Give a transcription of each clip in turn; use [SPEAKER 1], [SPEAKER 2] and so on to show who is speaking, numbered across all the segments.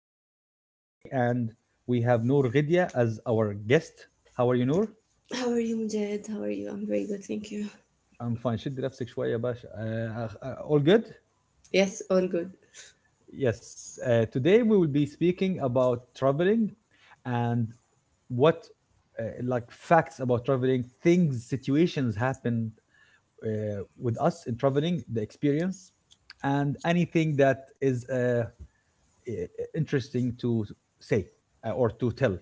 [SPEAKER 1] the host for today, and we have Noor Ghidia as our guest. How are you, Noor?
[SPEAKER 2] How are you, Mujahid? How are you? I'm very good, thank you.
[SPEAKER 1] I'm fine. شد نفسك شوية باشا. All good?
[SPEAKER 2] Yes, all good.
[SPEAKER 1] Yes. Today we will be speaking about traveling and what, like, facts about traveling, things, situations happened with us in traveling, the experience, and anything that is interesting to say or to tell.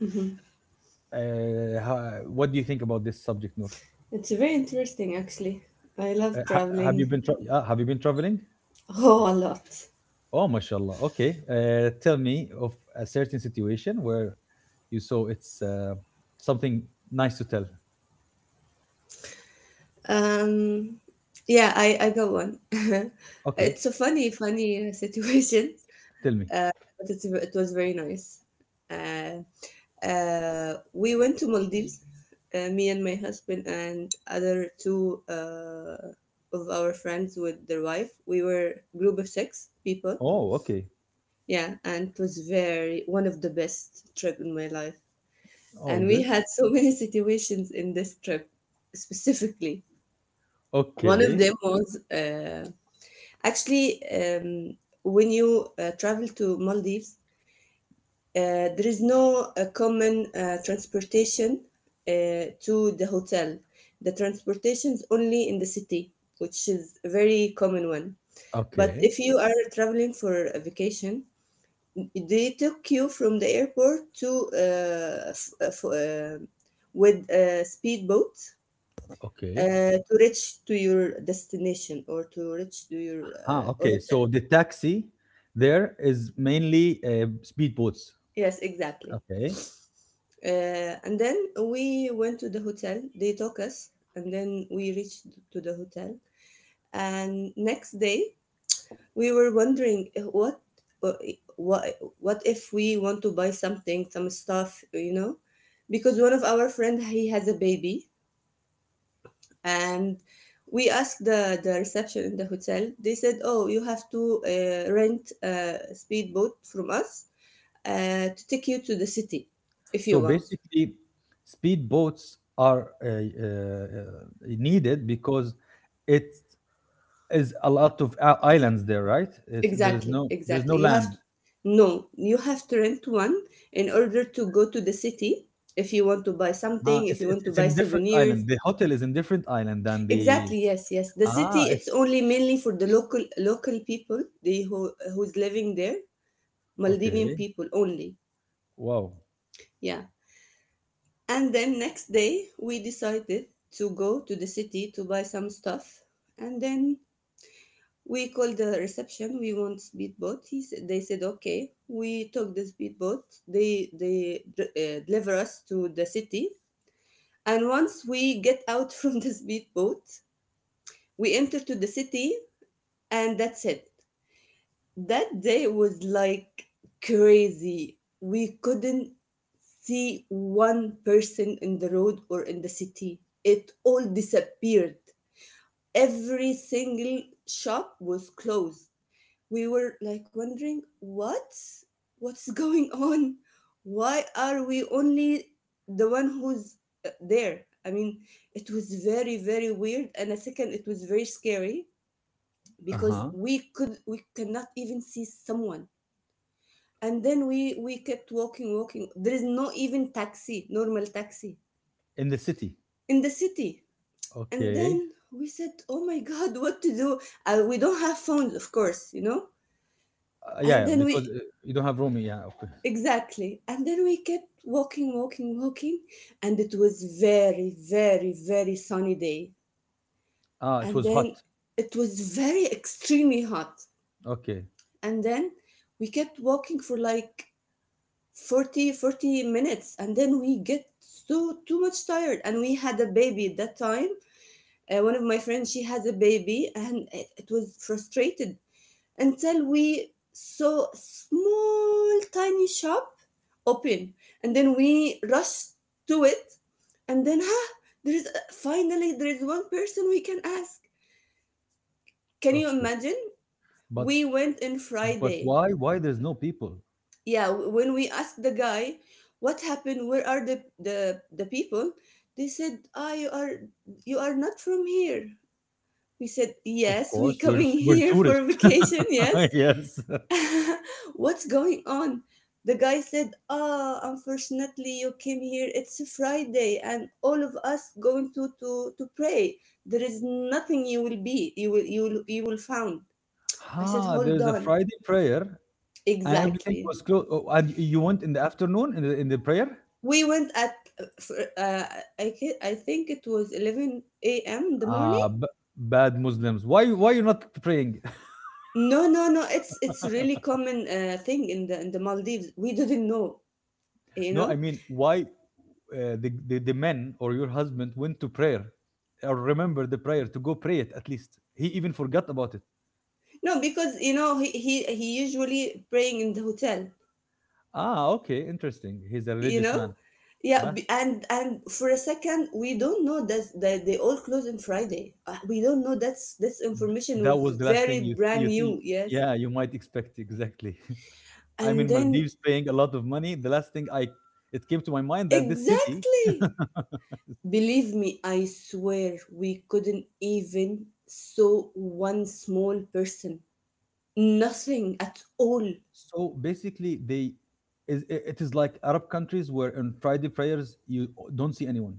[SPEAKER 2] hmm
[SPEAKER 1] What do you think about this subject, Noor?
[SPEAKER 2] It's very interesting, actually. I love traveling.
[SPEAKER 1] Have you been traveling?
[SPEAKER 2] Oh, a lot.
[SPEAKER 1] Oh, mashallah. Okay. Tell me of a certain situation where you saw it's something nice to tell.
[SPEAKER 2] Um, yeah, I got one.
[SPEAKER 1] Okay,
[SPEAKER 2] It's a funny situation,
[SPEAKER 1] tell me.
[SPEAKER 2] uh, but it was very nice. Uh, we went to Maldives, me and my husband and other two of our friends with their wife. We were group of six people.
[SPEAKER 1] Oh, okay.
[SPEAKER 2] Yeah, and it was very one of the best trip in my life.
[SPEAKER 1] Oh,
[SPEAKER 2] And we
[SPEAKER 1] good.
[SPEAKER 2] had so many situations in this trip specifically. One of
[SPEAKER 1] Okay.
[SPEAKER 2] them was actually when you travel to Maldives, there is no common transportation to the hotel. The transportation is only in the city, which is a very common one. But
[SPEAKER 1] Okay.
[SPEAKER 2] if you are traveling for a vacation, they took you from the airport to with a speedboat
[SPEAKER 1] Okay.
[SPEAKER 2] to reach to your destination or to reach to your
[SPEAKER 1] Ah, okay.
[SPEAKER 2] hotel.
[SPEAKER 1] So the taxi there is mainly speedboats.
[SPEAKER 2] Yes, exactly.
[SPEAKER 1] Okay.
[SPEAKER 2] And then we went to the hotel. They took us, and then we reached to the hotel. And next day, we were wondering what uh, what what if we want to buy something, some stuff, you know? Because one of our friend he has a baby, and we asked the reception in the hotel. They said, "Oh, you have to rent a speedboat from us to take you to the city if you
[SPEAKER 1] So
[SPEAKER 2] want."
[SPEAKER 1] basically, speedboats are needed because it is a lot of islands there, right? It's,
[SPEAKER 2] Exactly,
[SPEAKER 1] there is no
[SPEAKER 2] exactly. You have
[SPEAKER 1] land.
[SPEAKER 2] to, no, you have to rent one in order to go to the city if you want to buy
[SPEAKER 1] Ah,
[SPEAKER 2] something, if
[SPEAKER 1] it's,
[SPEAKER 2] you
[SPEAKER 1] it's
[SPEAKER 2] want to
[SPEAKER 1] it's
[SPEAKER 2] buy
[SPEAKER 1] in different
[SPEAKER 2] souvenirs.
[SPEAKER 1] island. The hotel is in different island than the
[SPEAKER 2] Exactly, yes, yes. The
[SPEAKER 1] ah.
[SPEAKER 2] city,
[SPEAKER 1] It's
[SPEAKER 2] it's only mainly for the local people, the who's living there, Maldivian
[SPEAKER 1] okay.
[SPEAKER 2] people only.
[SPEAKER 1] Wow.
[SPEAKER 2] Yeah. And then next day we decided to go to the city to buy some stuff. And then we called the reception. We want speedboat. He said, they said okay. We took the speedboat. They deliver us to the city. And once we get out from the speedboat, we enter to the city, and that's it. That day was like crazy. We couldn't see one person in the road or in the city. It all disappeared. Every single shop was closed. We were like wondering, what? What's going on? Why are we only the one who's there? I mean, it was very, very weird. And a second, it was very scary
[SPEAKER 1] Uh
[SPEAKER 2] because
[SPEAKER 1] huh.
[SPEAKER 2] we cannot even see someone. And then we kept walking, there is no even taxi, normal taxi
[SPEAKER 1] In the city.
[SPEAKER 2] in the city. And
[SPEAKER 1] Okay.
[SPEAKER 2] then we said, oh my god, what to do? We don't have phones, of course, you know. And
[SPEAKER 1] Yeah, yeah.
[SPEAKER 2] then
[SPEAKER 1] Because
[SPEAKER 2] we,
[SPEAKER 1] you don't have room. Yeah. Okay.
[SPEAKER 2] exactly, and then we kept walking, and it was very sunny day.
[SPEAKER 1] Ah, it
[SPEAKER 2] And
[SPEAKER 1] was hot.
[SPEAKER 2] then it was very extremely hot.
[SPEAKER 1] Okay.
[SPEAKER 2] And then we kept walking for like forty minutes. And then we get so too much tired, and we had a baby at that time. One of my friends, she has a baby, and it was frustrated until we saw a small tiny shop open. And then we rushed to it. And then there is finally, there is one person we can ask. Can you
[SPEAKER 1] Okay.
[SPEAKER 2] imagine?
[SPEAKER 1] But
[SPEAKER 2] We went in
[SPEAKER 1] but
[SPEAKER 2] Friday.
[SPEAKER 1] why there's no people?
[SPEAKER 2] Yeah, when we asked the guy, what happened, where are the people? They said, ah, you are, you are not from here. We said,
[SPEAKER 1] Of
[SPEAKER 2] yes, we
[SPEAKER 1] course,
[SPEAKER 2] coming
[SPEAKER 1] we're
[SPEAKER 2] here
[SPEAKER 1] tourists.
[SPEAKER 2] for vacation, yes.
[SPEAKER 1] Yes.
[SPEAKER 2] What's going on? The guy said, ah, unfortunately, you came here, it's a Friday, and all of us going to pray. There is nothing you will be, you will, you will, you will found. I said,
[SPEAKER 1] Ah,
[SPEAKER 2] hold
[SPEAKER 1] there's a
[SPEAKER 2] on,
[SPEAKER 1] Friday prayer, and everything
[SPEAKER 2] exactly.
[SPEAKER 1] was closed. Oh, and you went in the afternoon in the prayer?
[SPEAKER 2] We went at uh, I think it was 11 a.m. in the
[SPEAKER 1] Ah,
[SPEAKER 2] morning.
[SPEAKER 1] b Bad Muslims. Why you not praying?
[SPEAKER 2] No, no, no. It's really common thing in the Maldives. We didn't know, you
[SPEAKER 1] No, I
[SPEAKER 2] know.
[SPEAKER 1] mean why the men or your husband went to prayer or remember the prayer to go pray it at least. He even forgot about it.
[SPEAKER 2] No, because you know he usually praying in the hotel,
[SPEAKER 1] Ah, okay, interesting. He's a
[SPEAKER 2] you
[SPEAKER 1] religious
[SPEAKER 2] know.
[SPEAKER 1] man.
[SPEAKER 2] Yeah,
[SPEAKER 1] Huh?
[SPEAKER 2] and for a second we don't know that they all close on Friday. We don't know that's this information
[SPEAKER 1] That
[SPEAKER 2] was
[SPEAKER 1] was the last
[SPEAKER 2] very
[SPEAKER 1] thing you
[SPEAKER 2] brand
[SPEAKER 1] you see.
[SPEAKER 2] new. Yes,
[SPEAKER 1] Yeah, you might expect exactly. I'm
[SPEAKER 2] and
[SPEAKER 1] in
[SPEAKER 2] then
[SPEAKER 1] Maldives paying a lot of money. The last thing I it came to my mind that this city,
[SPEAKER 2] exactly. Believe me, I swear we couldn't even saw one small person. Nothing at all. It,
[SPEAKER 1] so basically they is it is like Arab countries where on Friday prayers you don't see anyone.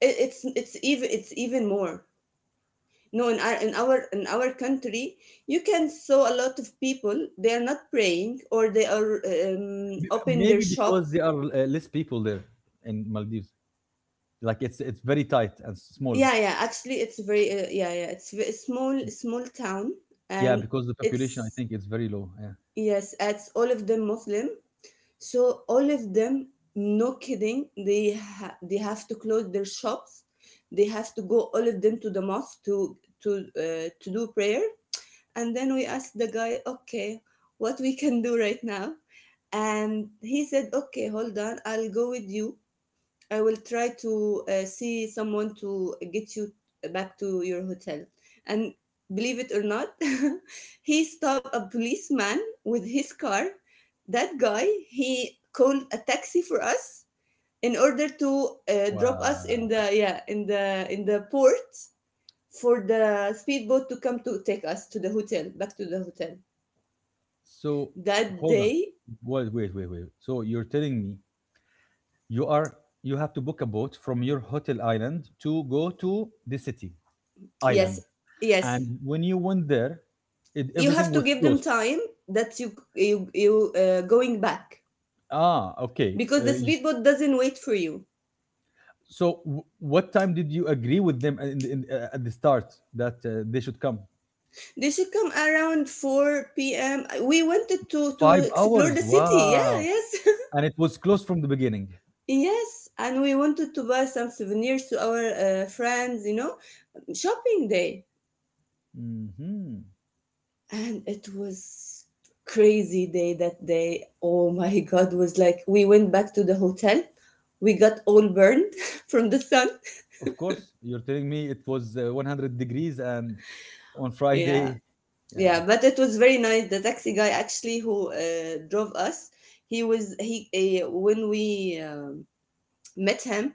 [SPEAKER 2] it's even more. No, in our in our country, you can saw a lot of people. They are not praying, or they are open their
[SPEAKER 1] Maybe because
[SPEAKER 2] shops.
[SPEAKER 1] there are less people there in Maldives. Like it's very tight and small.
[SPEAKER 2] Yeah, yeah. Actually, it's very yeah, yeah. It's a small town,
[SPEAKER 1] Yeah,
[SPEAKER 2] and
[SPEAKER 1] because the population I
[SPEAKER 2] it's
[SPEAKER 1] think it's very low. Yeah.
[SPEAKER 2] yes, it's all of them Muslim. So all of them, no kidding, they have to close their shops. They have to go all of them to the mosque to to do prayer. And then we asked the guy, okay, what we can do right now? And he said, okay, hold on, I'll go with you. I will try to see someone to get you back to your hotel. And believe it or not, he stopped a policeman with his car. That guy, he called a taxi for us in order to drop us in
[SPEAKER 1] Wow.
[SPEAKER 2] the, yeah, in the port for the speedboat to come to take us to the hotel back to the hotel
[SPEAKER 1] So
[SPEAKER 2] that
[SPEAKER 1] hold on.
[SPEAKER 2] day.
[SPEAKER 1] Wait. So you're telling me you are you have to book a boat from your hotel island to go to the city island.
[SPEAKER 2] Yes, yes.
[SPEAKER 1] And when you went there, it,
[SPEAKER 2] You
[SPEAKER 1] everything
[SPEAKER 2] have to
[SPEAKER 1] was
[SPEAKER 2] give them
[SPEAKER 1] closed.
[SPEAKER 2] time that you going back
[SPEAKER 1] Ah, okay.
[SPEAKER 2] because the
[SPEAKER 1] You s-
[SPEAKER 2] speedboat doesn't wait for you.
[SPEAKER 1] so, w- What time did you agree with them at the start that they should come?
[SPEAKER 2] They should come around 4 p.m. We wanted to
[SPEAKER 1] Five
[SPEAKER 2] explore
[SPEAKER 1] hours.
[SPEAKER 2] the city. Yeah,
[SPEAKER 1] Wow.
[SPEAKER 2] yes.
[SPEAKER 1] And it was closed from the beginning.
[SPEAKER 2] Yes, and we wanted to buy some souvenirs to our friends, you know, shopping day.
[SPEAKER 1] hmm
[SPEAKER 2] And it was crazy day, that day. Oh my god, was like we went back to the hotel. We got all burned from the sun.
[SPEAKER 1] Of course, you're telling me it was 100 degrees and on
[SPEAKER 2] Yeah,
[SPEAKER 1] Friday.
[SPEAKER 2] yeah,
[SPEAKER 1] Yeah.
[SPEAKER 2] but it was very nice. The taxi guy actually who drove us, he was he when we met him,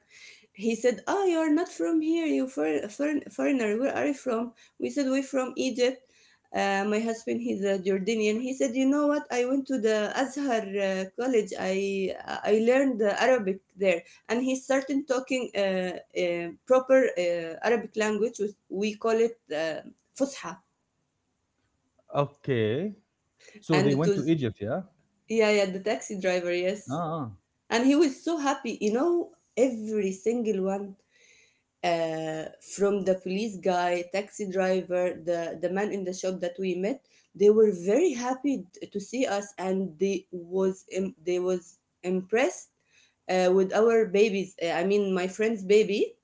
[SPEAKER 2] he said, "Oh, you are not from here. You for, foreign foreigner. Where are you from?" We said, "We're from Egypt." My husband, he's a Jordanian. He said, "You know what? I went to the Azhar College. I learned Arabic there." And he started talking proper Arabic language, which we call it Fusha.
[SPEAKER 1] Okay. So
[SPEAKER 2] And
[SPEAKER 1] they
[SPEAKER 2] it
[SPEAKER 1] went to
[SPEAKER 2] was,
[SPEAKER 1] Egypt, yeah.
[SPEAKER 2] yeah, yeah, the taxi driver,
[SPEAKER 1] Ah.
[SPEAKER 2] yes.
[SPEAKER 1] ah.
[SPEAKER 2] And he was so happy, you know, every single one, uh, from the police guy, taxi driver, the man in the shop that we met. They were very happy to see us, and they was impressed with our babies. I mean, my friend's baby.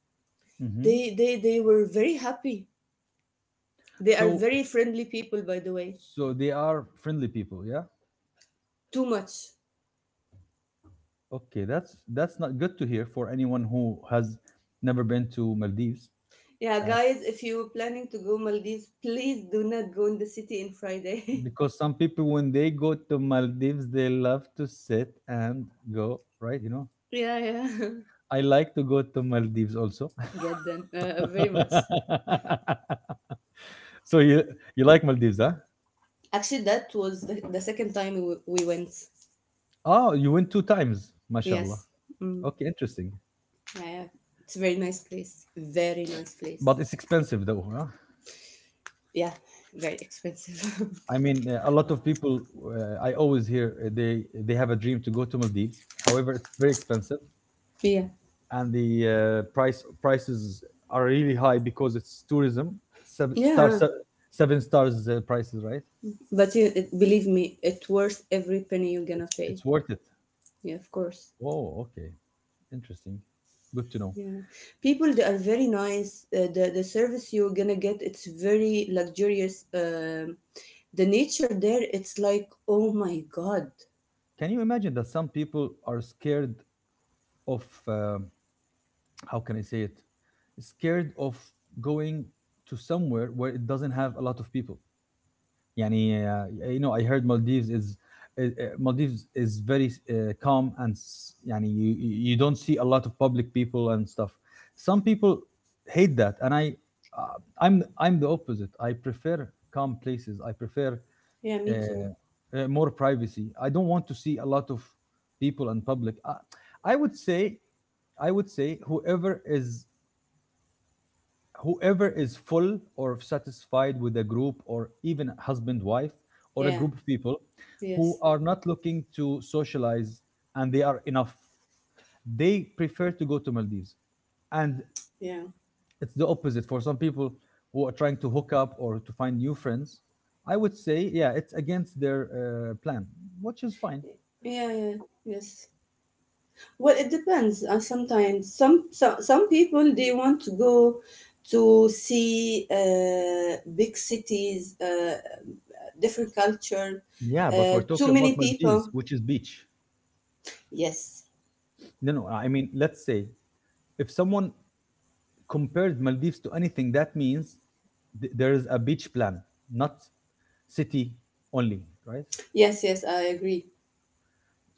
[SPEAKER 1] Mm-hmm.
[SPEAKER 2] They were very happy. They are
[SPEAKER 1] So
[SPEAKER 2] very friendly people, by the way.
[SPEAKER 1] so they are friendly people, yeah.
[SPEAKER 2] Too much.
[SPEAKER 1] Okay, that's not good to hear for anyone who has never been to Maldives,
[SPEAKER 2] Yeah,
[SPEAKER 1] uh,
[SPEAKER 2] guys, if you are planning to go Maldives, please do not go in the city in Friday.
[SPEAKER 1] because some people when they go to Maldives they love to sit and go right. You know,
[SPEAKER 2] Yeah, yeah.
[SPEAKER 1] I like to go to Maldives also.
[SPEAKER 2] Get them very much.
[SPEAKER 1] So you like Maldives, huh?
[SPEAKER 2] Actually, that was the second time we went.
[SPEAKER 1] Oh, you went two times, mashallah.
[SPEAKER 2] Yes. Mm.
[SPEAKER 1] Okay, interesting,
[SPEAKER 2] Yeah, yeah. It's a very nice place. Very nice place.
[SPEAKER 1] but it's expensive though. Huh?
[SPEAKER 2] Yeah, very expensive.
[SPEAKER 1] I mean, a lot of people I always hear they have a dream to go to Maldives. However, it's very expensive.
[SPEAKER 2] Yeah.
[SPEAKER 1] And the prices are really high because it's tourism. Seven star,
[SPEAKER 2] Yeah,
[SPEAKER 1] se- Seven stars prices, right?
[SPEAKER 2] but you, it, believe me, it worth every penny you're gonna pay.
[SPEAKER 1] It's worth it.
[SPEAKER 2] Yeah, of course.
[SPEAKER 1] Oh, okay, interesting. Good to know.
[SPEAKER 2] Yeah, people they
[SPEAKER 1] S-
[SPEAKER 2] are very nice. The service you're gonna get it's very luxurious. The nature there it's like oh my god.
[SPEAKER 1] Can you imagine that some people are scared of um how can I say it? Scared of going to somewhere where it doesn't have a lot of people. يعني you know I heard uh, uh, Maldives is very calm and يعني you you you don't see a lot of public people and stuff. Some people hate that, and I uh, I'm the opposite. I prefer calm places. I prefer
[SPEAKER 2] Yeah, me too.
[SPEAKER 1] more privacy. I don't want to see a lot of people and public. I would say I would say whoever is full or satisfied with a group or even husband wife or a
[SPEAKER 2] Yeah.
[SPEAKER 1] group of people who
[SPEAKER 2] Yes.
[SPEAKER 1] are not looking to socialize and they are enough they prefer to go to Maldives and
[SPEAKER 2] Yeah.
[SPEAKER 1] it's the opposite for some people who are trying to hook up or to find new friends, I would say yeah it's against their plan, which is fine.
[SPEAKER 2] Yeah. Yeah. Yes. Well, it depends. Sometimes some people they want to go to see big cities, different culture,
[SPEAKER 1] Yeah, but we're talking
[SPEAKER 2] too
[SPEAKER 1] about
[SPEAKER 2] many
[SPEAKER 1] Maldives,
[SPEAKER 2] people.
[SPEAKER 1] which is beach.
[SPEAKER 2] Yes.
[SPEAKER 1] No no, I mean let's say if someone compared Maldives to anything, that means there is a beach plan, not city only, right?
[SPEAKER 2] Yes. Yes. I agree.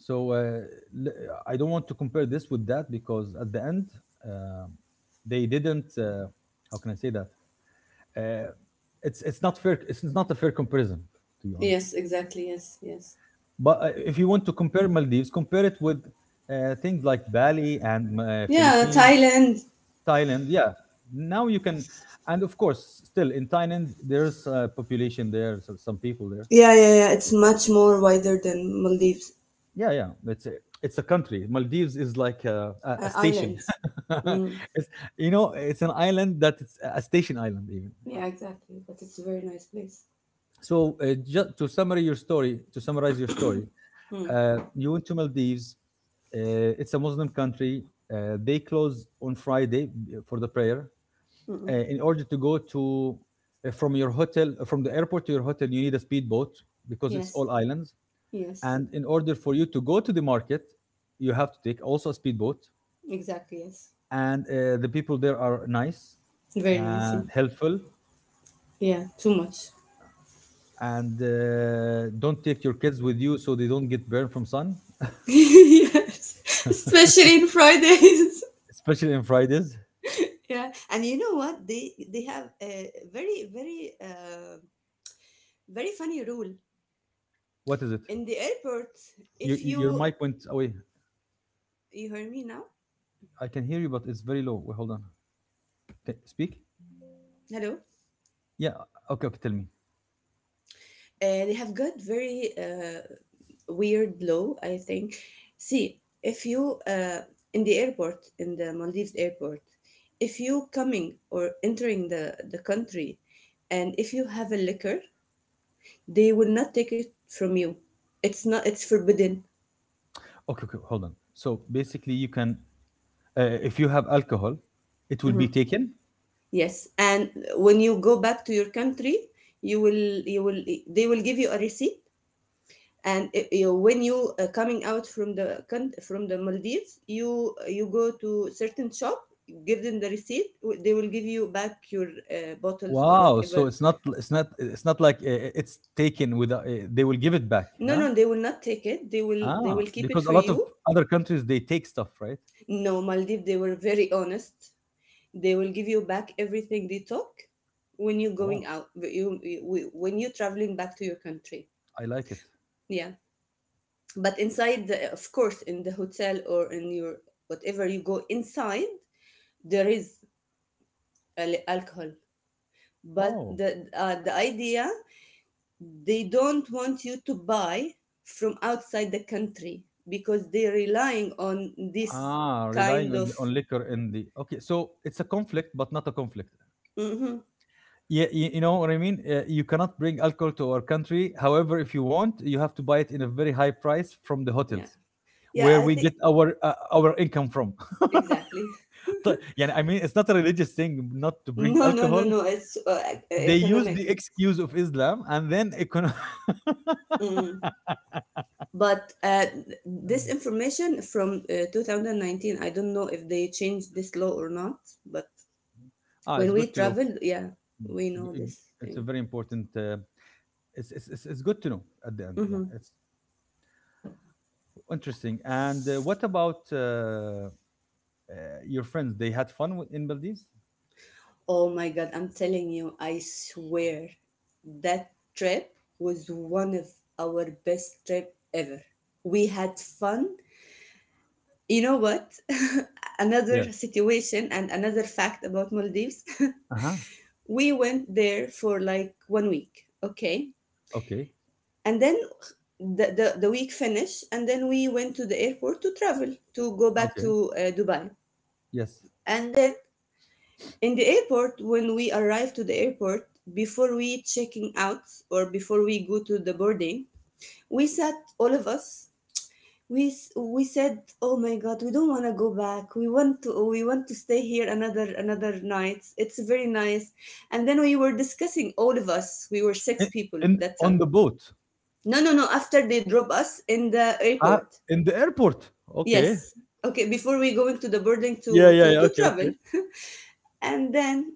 [SPEAKER 1] So l- I don't want to compare this with that because at the end uh, they didn't. How can I say that? Uh, it's not fair. It's not a fair comparison to be honest.
[SPEAKER 2] Yes, exactly. Yes, yes.
[SPEAKER 1] But if you want to compare Maldives, compare it with things like Bali and
[SPEAKER 2] Yeah,
[SPEAKER 1] Philippines.
[SPEAKER 2] Thailand.
[SPEAKER 1] Thailand, yeah. Now you can, and of course, still in Thailand, there's a population there, so some people there.
[SPEAKER 2] Yeah, yeah, yeah. It's much more wider than Maldives
[SPEAKER 1] Yeah, yeah. It's it's a, country. Maldives is like a station.
[SPEAKER 2] islands. Mm.
[SPEAKER 1] It's, you know, it's an island that it's a station island even.
[SPEAKER 2] Yeah, exactly. But it's a very nice place.
[SPEAKER 1] So just to summarize your story, to summarize your story,
[SPEAKER 2] Mm.
[SPEAKER 1] you went to Maldives. It's a Muslim country. They close on Friday for the prayer. Uh,
[SPEAKER 2] Mm-mm.
[SPEAKER 1] in order to go to from your hotel from the airport to your hotel you need a speedboat because it's
[SPEAKER 2] Yes,
[SPEAKER 1] all islands,
[SPEAKER 2] yes,
[SPEAKER 1] and in order for you to go to the market you have to take also a speedboat,
[SPEAKER 2] exactly. Yes,
[SPEAKER 1] and the people there are nice
[SPEAKER 2] very nice. Yeah,
[SPEAKER 1] and helpful,
[SPEAKER 2] yeah. Too much.
[SPEAKER 1] and don't take your kids with you so they don't get burned from sun,
[SPEAKER 2] Yes, especially in Fridays.
[SPEAKER 1] especially on Fridays.
[SPEAKER 2] Yeah. And you know what? They have a very funny rule
[SPEAKER 1] What is it?
[SPEAKER 2] in the airport.
[SPEAKER 1] your,
[SPEAKER 2] If
[SPEAKER 1] your
[SPEAKER 2] you
[SPEAKER 1] mic went away.
[SPEAKER 2] hear me now?
[SPEAKER 1] I can hear you but it's very low. Wait, hold on. Okay, speak.
[SPEAKER 2] Hello.
[SPEAKER 1] Yeah. Okay, okay, tell me.
[SPEAKER 2] And they have got very weird law, I think. See, if you in the airport in the Maldives airport, if you coming or entering the country, and if you have a liquor, they will not take it from you. It's not, it's forbidden.
[SPEAKER 1] Okay, okay, hold on. So basically you can if you have alcohol, it will be
[SPEAKER 2] Mhm.
[SPEAKER 1] taken.
[SPEAKER 2] Yes, and when you go back to your country, you will, they will give you a receipt. And it, you, when you coming out from from the Maldives, you go to certain shop, give them the receipt. They will give you back your bottles or
[SPEAKER 1] Wow! So
[SPEAKER 2] whatever.
[SPEAKER 1] it's not it's not like it's taken with they will give it back,
[SPEAKER 2] No,
[SPEAKER 1] huh?
[SPEAKER 2] no, they will not take it. They
[SPEAKER 1] Ah,
[SPEAKER 2] will keep it
[SPEAKER 1] because a
[SPEAKER 2] for
[SPEAKER 1] lot of
[SPEAKER 2] you.
[SPEAKER 1] other countries they take stuff, right?
[SPEAKER 2] No, Maldives, they were very honest. They will give you back everything they took when you're
[SPEAKER 1] Wow,
[SPEAKER 2] going out. You when you're traveling back to your country.
[SPEAKER 1] I like it.
[SPEAKER 2] Yeah, but inside, of course, in the hotel or in your whatever you go inside, there is alcohol. But
[SPEAKER 1] Oh,
[SPEAKER 2] the idea, they don't want you to buy from outside the country because they're relying on this
[SPEAKER 1] ah, relying
[SPEAKER 2] kind of.
[SPEAKER 1] on liquor in the okay. So it's a conflict, but not a conflict.
[SPEAKER 2] Mhm.
[SPEAKER 1] Yeah, you know what I mean. You cannot bring alcohol to our country. However, if you want, you have to buy it in a very high price from the
[SPEAKER 2] Yeah,
[SPEAKER 1] hotels
[SPEAKER 2] yeah,
[SPEAKER 1] where
[SPEAKER 2] I
[SPEAKER 1] we get
[SPEAKER 2] think,
[SPEAKER 1] our income from.
[SPEAKER 2] exactly.
[SPEAKER 1] يعني I mean it's not a religious thing not to drink
[SPEAKER 2] No, no, no,
[SPEAKER 1] alcohol.
[SPEAKER 2] no, it's
[SPEAKER 1] They use
[SPEAKER 2] economic.
[SPEAKER 1] the excuse of Islam and then econo
[SPEAKER 2] Mm. But this information from 2019, I don't know if they changed this law or not. But
[SPEAKER 1] Ah, it's
[SPEAKER 2] when we
[SPEAKER 1] good to know.
[SPEAKER 2] traveled, yeah, we know this
[SPEAKER 1] It's a
[SPEAKER 2] thing.
[SPEAKER 1] very important. It's good to know at the end. Yeah,
[SPEAKER 2] Mhm.
[SPEAKER 1] it's interesting. And what about your friends? They had fun in Maldives.
[SPEAKER 2] Oh my God, I'm telling you, I swear that trip was one of our best trip ever. We had fun. You know what?
[SPEAKER 1] Yeah.
[SPEAKER 2] Another situation and another fact about Maldives.
[SPEAKER 1] Uh huh.
[SPEAKER 2] We went there for like 1 week, okay?
[SPEAKER 1] Okay.
[SPEAKER 2] And then the week finished, and then we went to the airport to travel, to go back
[SPEAKER 1] Okay.
[SPEAKER 2] to Dubai.
[SPEAKER 1] Yes.
[SPEAKER 2] And then, in the airport, when we arrive to the airport, before we checking out or before we go to the boarding, we sat all of us. We said, "Oh my God, we don't want to go back. we want to stay here another night. It's very nice." And then we were discussing all of us. We were six
[SPEAKER 1] In
[SPEAKER 2] people
[SPEAKER 1] In
[SPEAKER 2] that
[SPEAKER 1] on
[SPEAKER 2] time.
[SPEAKER 1] the boat.
[SPEAKER 2] No, no, no. After they drop us in the
[SPEAKER 1] Ah,
[SPEAKER 2] airport,
[SPEAKER 1] in the airport. Okay.
[SPEAKER 2] yes. Okay, before we going to the boarding
[SPEAKER 1] Yeah,
[SPEAKER 2] to
[SPEAKER 1] yeah,
[SPEAKER 2] to
[SPEAKER 1] yeah.
[SPEAKER 2] to
[SPEAKER 1] Okay, okay.
[SPEAKER 2] travel, and then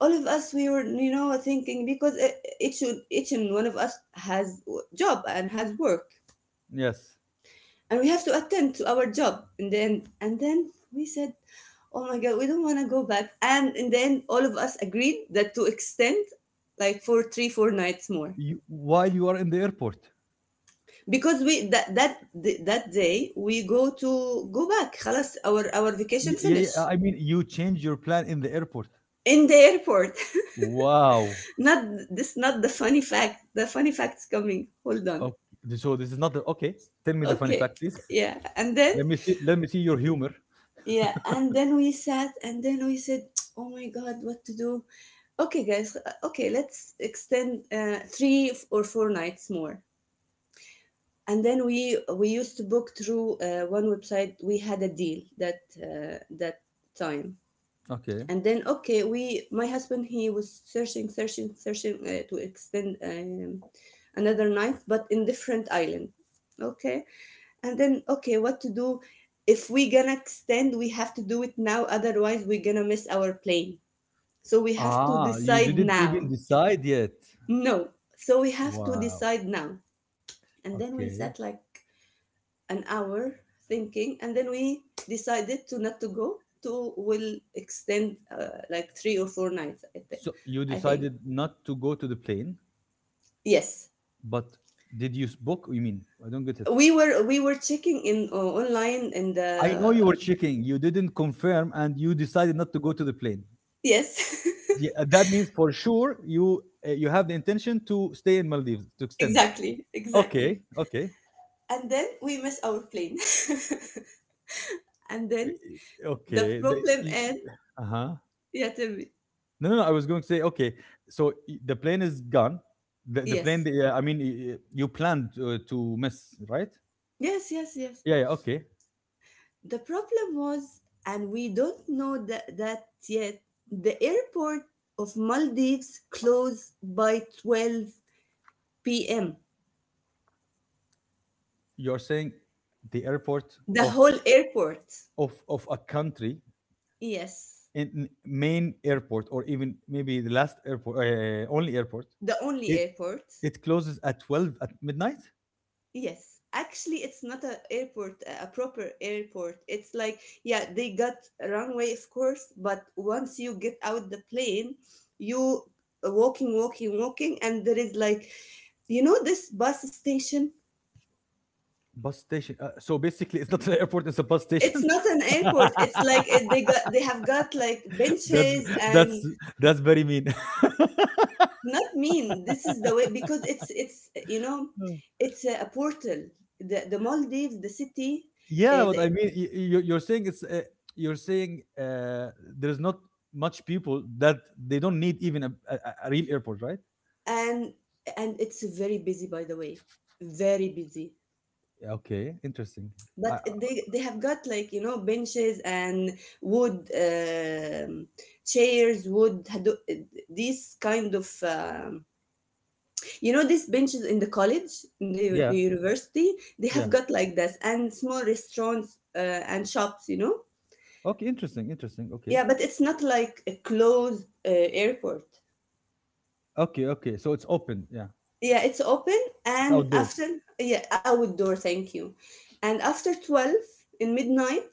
[SPEAKER 2] all of us we were thinking because each each and one of us has job and has work,
[SPEAKER 1] Yes.
[SPEAKER 2] and we have to attend to our job, and then we said, oh my God, we don't want to go back, and in the end all of us agreed that to extend like for 3 4 nights more,
[SPEAKER 1] You, while you are in the airport.
[SPEAKER 2] because we that day we go to go back خلاص our vacation
[SPEAKER 1] Yeah,
[SPEAKER 2] finish
[SPEAKER 1] yeah. I mean, you change your plan in the airport.
[SPEAKER 2] in the airport.
[SPEAKER 1] Wow.
[SPEAKER 2] Not this, not the funny fact's coming, hold on.
[SPEAKER 1] Okay. So this is not the, okay. Tell me the funny
[SPEAKER 2] Okay.
[SPEAKER 1] fact, please.
[SPEAKER 2] Yeah, and then,
[SPEAKER 1] Let me see your humor.
[SPEAKER 2] yeah, and then we sat and then we said, oh my God, what to do. Okay guys, okay, let's extend, three or four nights more. And then we used to book through one website, we had a deal that time.
[SPEAKER 1] Okay.
[SPEAKER 2] And then, okay, we, my husband, he was searching to extend, another night but in different island. Okay. And then, okay, what to do, if we gonna extend we have to do it now, otherwise we're gonna miss our plane. So we have to
[SPEAKER 1] Ah, you
[SPEAKER 2] decide
[SPEAKER 1] didn't
[SPEAKER 2] now.
[SPEAKER 1] even decide yet.
[SPEAKER 2] No, so we have to
[SPEAKER 1] Wow.
[SPEAKER 2] decide now. And then we
[SPEAKER 1] Okay.
[SPEAKER 2] sat like an hour thinking, and then we decided to not to go to will extend like 3 or 4 nights, i think
[SPEAKER 1] So you
[SPEAKER 2] i think
[SPEAKER 1] decided not to go to the plane,
[SPEAKER 2] Yes.
[SPEAKER 1] but did you book? You mean? I don't get it.
[SPEAKER 2] We were checking in online and
[SPEAKER 1] I know you were checking. You didn't confirm, and you decided not to go to the plane.
[SPEAKER 2] yes.
[SPEAKER 1] Yeah, that means for sure you you have the intention to stay in Maldives to extend.
[SPEAKER 2] Exactly,
[SPEAKER 1] Okay,
[SPEAKER 2] exactly.
[SPEAKER 1] okay,
[SPEAKER 2] And then we miss our plane. And
[SPEAKER 1] eh,
[SPEAKER 2] then, the
[SPEAKER 1] okay. The,
[SPEAKER 2] problem and,
[SPEAKER 1] uh huh.
[SPEAKER 2] yeah, tell me.
[SPEAKER 1] No, no, no. I was going to say okay. The plane is gone.
[SPEAKER 2] Yes,
[SPEAKER 1] Uh, I mean, you planned to miss, right?
[SPEAKER 2] yes, yes, yes.
[SPEAKER 1] Yeah, yeah. Okay.
[SPEAKER 2] The problem was, and we don't know that yet, the airport of Maldives closed by 12 p.m.
[SPEAKER 1] You're saying the airport
[SPEAKER 2] The
[SPEAKER 1] of
[SPEAKER 2] whole airport.
[SPEAKER 1] a country
[SPEAKER 2] Yes.
[SPEAKER 1] in main airport or even maybe the last airport only airport
[SPEAKER 2] The only
[SPEAKER 1] it
[SPEAKER 2] airport.
[SPEAKER 1] it closes at 12 at midnight.
[SPEAKER 2] Yes, actually, it's not a airport, a proper airport. It's like, yeah, they got a runway, of course, but once you get out the plane, you walking, walking, walking, and there is like, this bus station.
[SPEAKER 1] Bus station so basically it's not an airport it's a bus
[SPEAKER 2] It's
[SPEAKER 1] station.
[SPEAKER 2] not an airport. It's like they have got like
[SPEAKER 1] that's
[SPEAKER 2] benches and.
[SPEAKER 1] that's that's very mean.
[SPEAKER 2] Not mean. This is the way, because it's
[SPEAKER 1] Mm.
[SPEAKER 2] it's a portal. The Maldives, the city,
[SPEAKER 1] Yeah
[SPEAKER 2] uh,
[SPEAKER 1] but
[SPEAKER 2] the,
[SPEAKER 1] I mean you're saying it's you're saying uh, there's not much people that they don't need even a real airport, right?
[SPEAKER 2] and and it's very busy, by the way, very busy.
[SPEAKER 1] Yeah, okay, interesting. I, I-
[SPEAKER 2] But they have got like benches and wood, chairs wood these kind of, these benches in the college, in the,
[SPEAKER 1] yeah
[SPEAKER 2] the university. They have
[SPEAKER 1] yeah.
[SPEAKER 2] got like this, and small restaurants and shops.
[SPEAKER 1] Okay, interesting, interesting. Okay,
[SPEAKER 2] Yeah, but it's not like a closed airport.
[SPEAKER 1] okay. So it's open. Yeah,
[SPEAKER 2] Yeah, it's open.
[SPEAKER 1] it's
[SPEAKER 2] And
[SPEAKER 1] outdoor.
[SPEAKER 2] after, yeah, outdoor, thank you. And after 12 in midnight,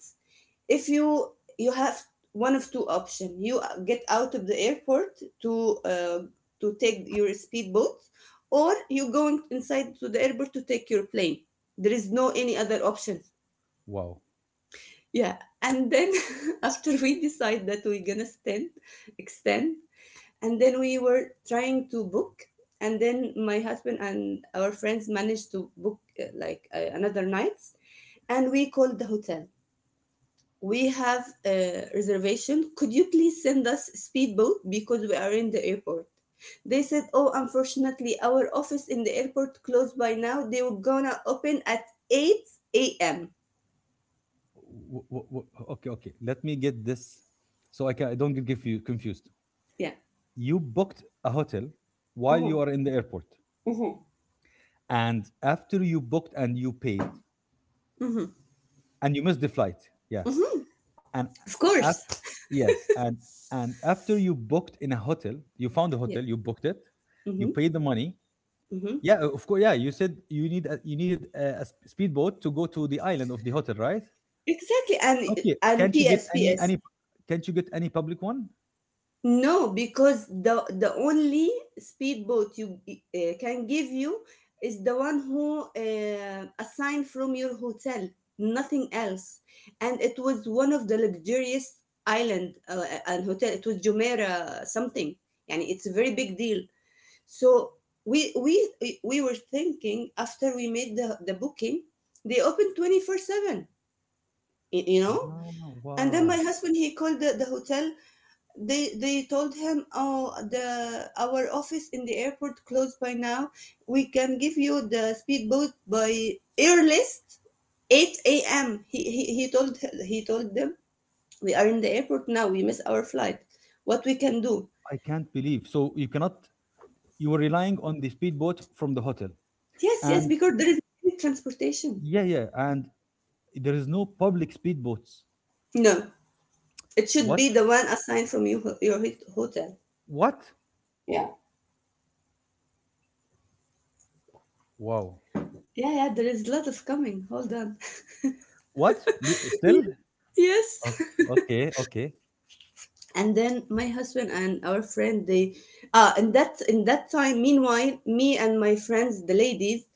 [SPEAKER 2] if you have one of two options, you get out of the airport to take your speedboat, or you going inside to the airport to take your plane. There is no any other option.
[SPEAKER 1] Wow.
[SPEAKER 2] Yeah, and then, after we decide that we're gonna stand, extend, and then we were trying to book, and then my husband and our friends managed to book like another nights. And we called the hotel, we have a reservation, could you please send us speedboat because we are in the airport. They said, oh unfortunately our office in the airport closed by now, they were gonna open at 8 a.m.
[SPEAKER 1] Okay, okay. Let me get this, so I can I don't get confused.
[SPEAKER 2] Yeah.
[SPEAKER 1] You booked a hotel while
[SPEAKER 2] Uh-huh.
[SPEAKER 1] you are in the airport,
[SPEAKER 2] Uh-huh.
[SPEAKER 1] and after you booked and you paid,
[SPEAKER 2] Uh-huh.
[SPEAKER 1] and you missed the flight. Yeah,
[SPEAKER 2] Uh-huh.
[SPEAKER 1] and
[SPEAKER 2] Of
[SPEAKER 1] after
[SPEAKER 2] course.
[SPEAKER 1] yes, and and after you booked in a hotel, you found a
[SPEAKER 2] Yeah.
[SPEAKER 1] hotel, you booked it, you
[SPEAKER 2] Mm-hmm.
[SPEAKER 1] paid the money.
[SPEAKER 2] Mm-hmm.
[SPEAKER 1] Yeah, of course. Yeah, you said you needed a s- speedboat to go to the island of the hotel, right?
[SPEAKER 2] Exactly. and
[SPEAKER 1] Okay,
[SPEAKER 2] and
[SPEAKER 1] can't you
[SPEAKER 2] P.S.
[SPEAKER 1] get any
[SPEAKER 2] ps.
[SPEAKER 1] any can't you get any public one?
[SPEAKER 2] No, because the only speedboat you can give you is the one who assigned from your hotel, nothing else. And it was one of the luxurious island and hotel. It was Jumeirah something. Yani it's a very big deal. So we were thinking, after we made the booking, they open 24/7. You know.
[SPEAKER 1] Ah,
[SPEAKER 2] And then my
[SPEAKER 1] wow.
[SPEAKER 2] husband, he called the hotel. They told him, oh the our office in the airport closed by now, we can give you the speedboat by earliest 8 a.m. He told them, we are in the airport now, we miss our flight, what we can do.
[SPEAKER 1] I can't believe. So you cannot you were relying on the speedboat from the hotel.
[SPEAKER 2] Yes, yes,
[SPEAKER 1] And
[SPEAKER 2] because there is no transportation.
[SPEAKER 1] yeah, yeah, and there is no public speedboats.
[SPEAKER 2] No, it should
[SPEAKER 1] What?
[SPEAKER 2] be the one assigned from your hotel.
[SPEAKER 1] What?
[SPEAKER 2] Yeah,
[SPEAKER 1] Wow.
[SPEAKER 2] yeah, yeah, there is a lot of coming, hold on.
[SPEAKER 1] What? Li- Still?
[SPEAKER 2] Yes,
[SPEAKER 1] O- Okay, okay.
[SPEAKER 2] and then my husband and our friend, they, in that time, meanwhile me and my friends, the ladies,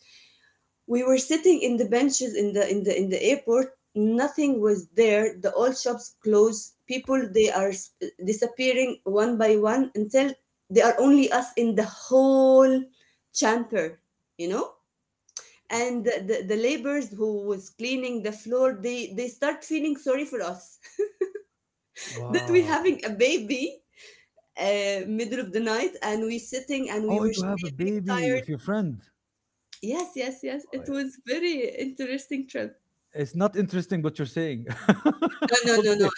[SPEAKER 2] we were sitting in the benches in the airport, nothing was there, the all shops closed, people they are disappearing one by one, until they are only us in the whole chamber you know and the laborers who was cleaning the floor, they start feeling sorry for us. That we're
[SPEAKER 1] Wow.
[SPEAKER 2] having a baby, middle of the night, and we sitting, and we
[SPEAKER 1] Oh,
[SPEAKER 2] were
[SPEAKER 1] you have a
[SPEAKER 2] sleeping
[SPEAKER 1] baby
[SPEAKER 2] tired.
[SPEAKER 1] of your friend.
[SPEAKER 2] Yes, yes, yes,
[SPEAKER 1] Uh,
[SPEAKER 2] it was very interesting trip.
[SPEAKER 1] It's not interesting what you're saying.
[SPEAKER 2] No, no, no, no,
[SPEAKER 1] okay.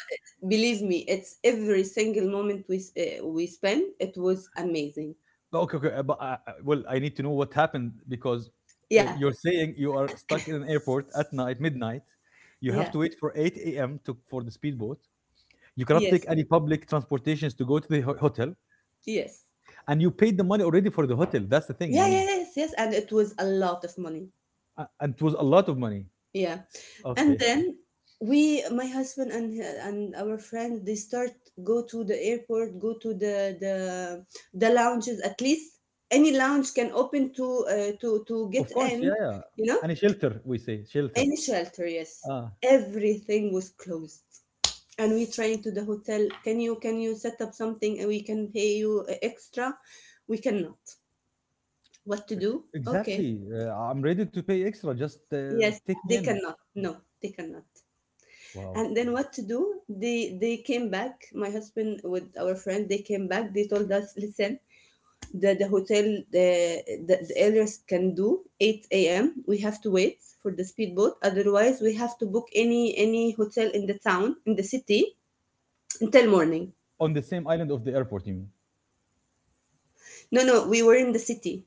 [SPEAKER 2] believe me, it's every single moment we spent, it was amazing.
[SPEAKER 1] No, okay, okay, but well, I need to know what happened because
[SPEAKER 2] Yeah,
[SPEAKER 1] you're saying you are stuck in an airport at night, midnight. You have
[SPEAKER 2] yeah.
[SPEAKER 1] to wait for 8 a.m. to for the speedboat. You cannot take
[SPEAKER 2] Yes,
[SPEAKER 1] any public transportations to go to the ho- hotel,
[SPEAKER 2] yes.
[SPEAKER 1] and you paid the money already for the hotel. That's the thing. I
[SPEAKER 2] Yeah, yeah.
[SPEAKER 1] mean,
[SPEAKER 2] Yes, yes. And it was a lot of money.
[SPEAKER 1] a- and it was a lot of money.
[SPEAKER 2] Yeah. And
[SPEAKER 1] Okay,
[SPEAKER 2] then we, my husband and our friend, they start go to the airport, go to the lounges. At least any lounge can open to get
[SPEAKER 1] of course, yeah,
[SPEAKER 2] in.
[SPEAKER 1] yeah.
[SPEAKER 2] You know,
[SPEAKER 1] And a shelter, we say shelter.
[SPEAKER 2] any shelter. Yes,
[SPEAKER 1] Ah,
[SPEAKER 2] everything was closed. And we trying to the hotel. Can you set up something and we can pay you extra? We cannot. What to do? Okay.
[SPEAKER 1] exactly. I'm ready to pay extra. Just
[SPEAKER 2] Yes,
[SPEAKER 1] take me
[SPEAKER 2] they
[SPEAKER 1] in.
[SPEAKER 2] cannot. No, they cannot.
[SPEAKER 1] Wow.
[SPEAKER 2] And then what to do, they came back, my husband with our friend, they came back, they told us, listen, the hotel, the, the elders can do 8 a.m., we have to wait for the speedboat, otherwise we have to book any hotel in the town in the city until morning.
[SPEAKER 1] On the same island of the airport, you mean?
[SPEAKER 2] No, no, we were in the city.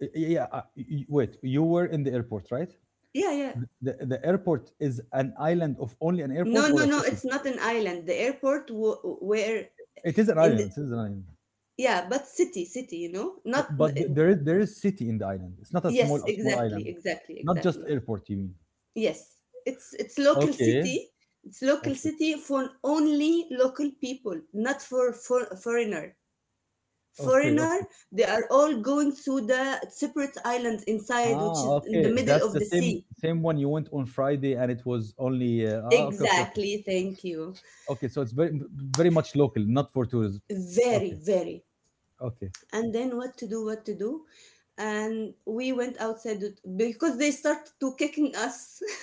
[SPEAKER 1] Y- Yeah, wait, you were in the airport, right?
[SPEAKER 2] Yeah, yeah.
[SPEAKER 1] Th- the airport is an island of only an
[SPEAKER 2] No,
[SPEAKER 1] airport or
[SPEAKER 2] no,
[SPEAKER 1] a
[SPEAKER 2] no,
[SPEAKER 1] city?
[SPEAKER 2] it's not an island, the airport where
[SPEAKER 1] It is an
[SPEAKER 2] in the,
[SPEAKER 1] island, it is an island.
[SPEAKER 2] yeah, but city city, not
[SPEAKER 1] But th- there is city in the island. It's not a small
[SPEAKER 2] yes,
[SPEAKER 1] a small island.
[SPEAKER 2] exactly, exactly,
[SPEAKER 1] Not just
[SPEAKER 2] exactly.
[SPEAKER 1] airport, you mean?
[SPEAKER 2] Yes, it's local
[SPEAKER 1] Okay,
[SPEAKER 2] city. It's local
[SPEAKER 1] okay,
[SPEAKER 2] city for only local people, not for foreigner.
[SPEAKER 1] okay, okay.
[SPEAKER 2] Foreigner, they are all going to the separate islands inside, which
[SPEAKER 1] Ah,
[SPEAKER 2] is in the
[SPEAKER 1] okay.
[SPEAKER 2] middle
[SPEAKER 1] That's
[SPEAKER 2] of
[SPEAKER 1] the
[SPEAKER 2] the
[SPEAKER 1] same
[SPEAKER 2] sea.
[SPEAKER 1] same one you went on Friday and it was only ah, okay, okay, okay.
[SPEAKER 2] Exactly. Thank you.
[SPEAKER 1] Okay, so it's very very much local, not for tourism. Okay,
[SPEAKER 2] Very, very.
[SPEAKER 1] okay.
[SPEAKER 2] And then what to do? What to do? And we went outside because they started to kicking us.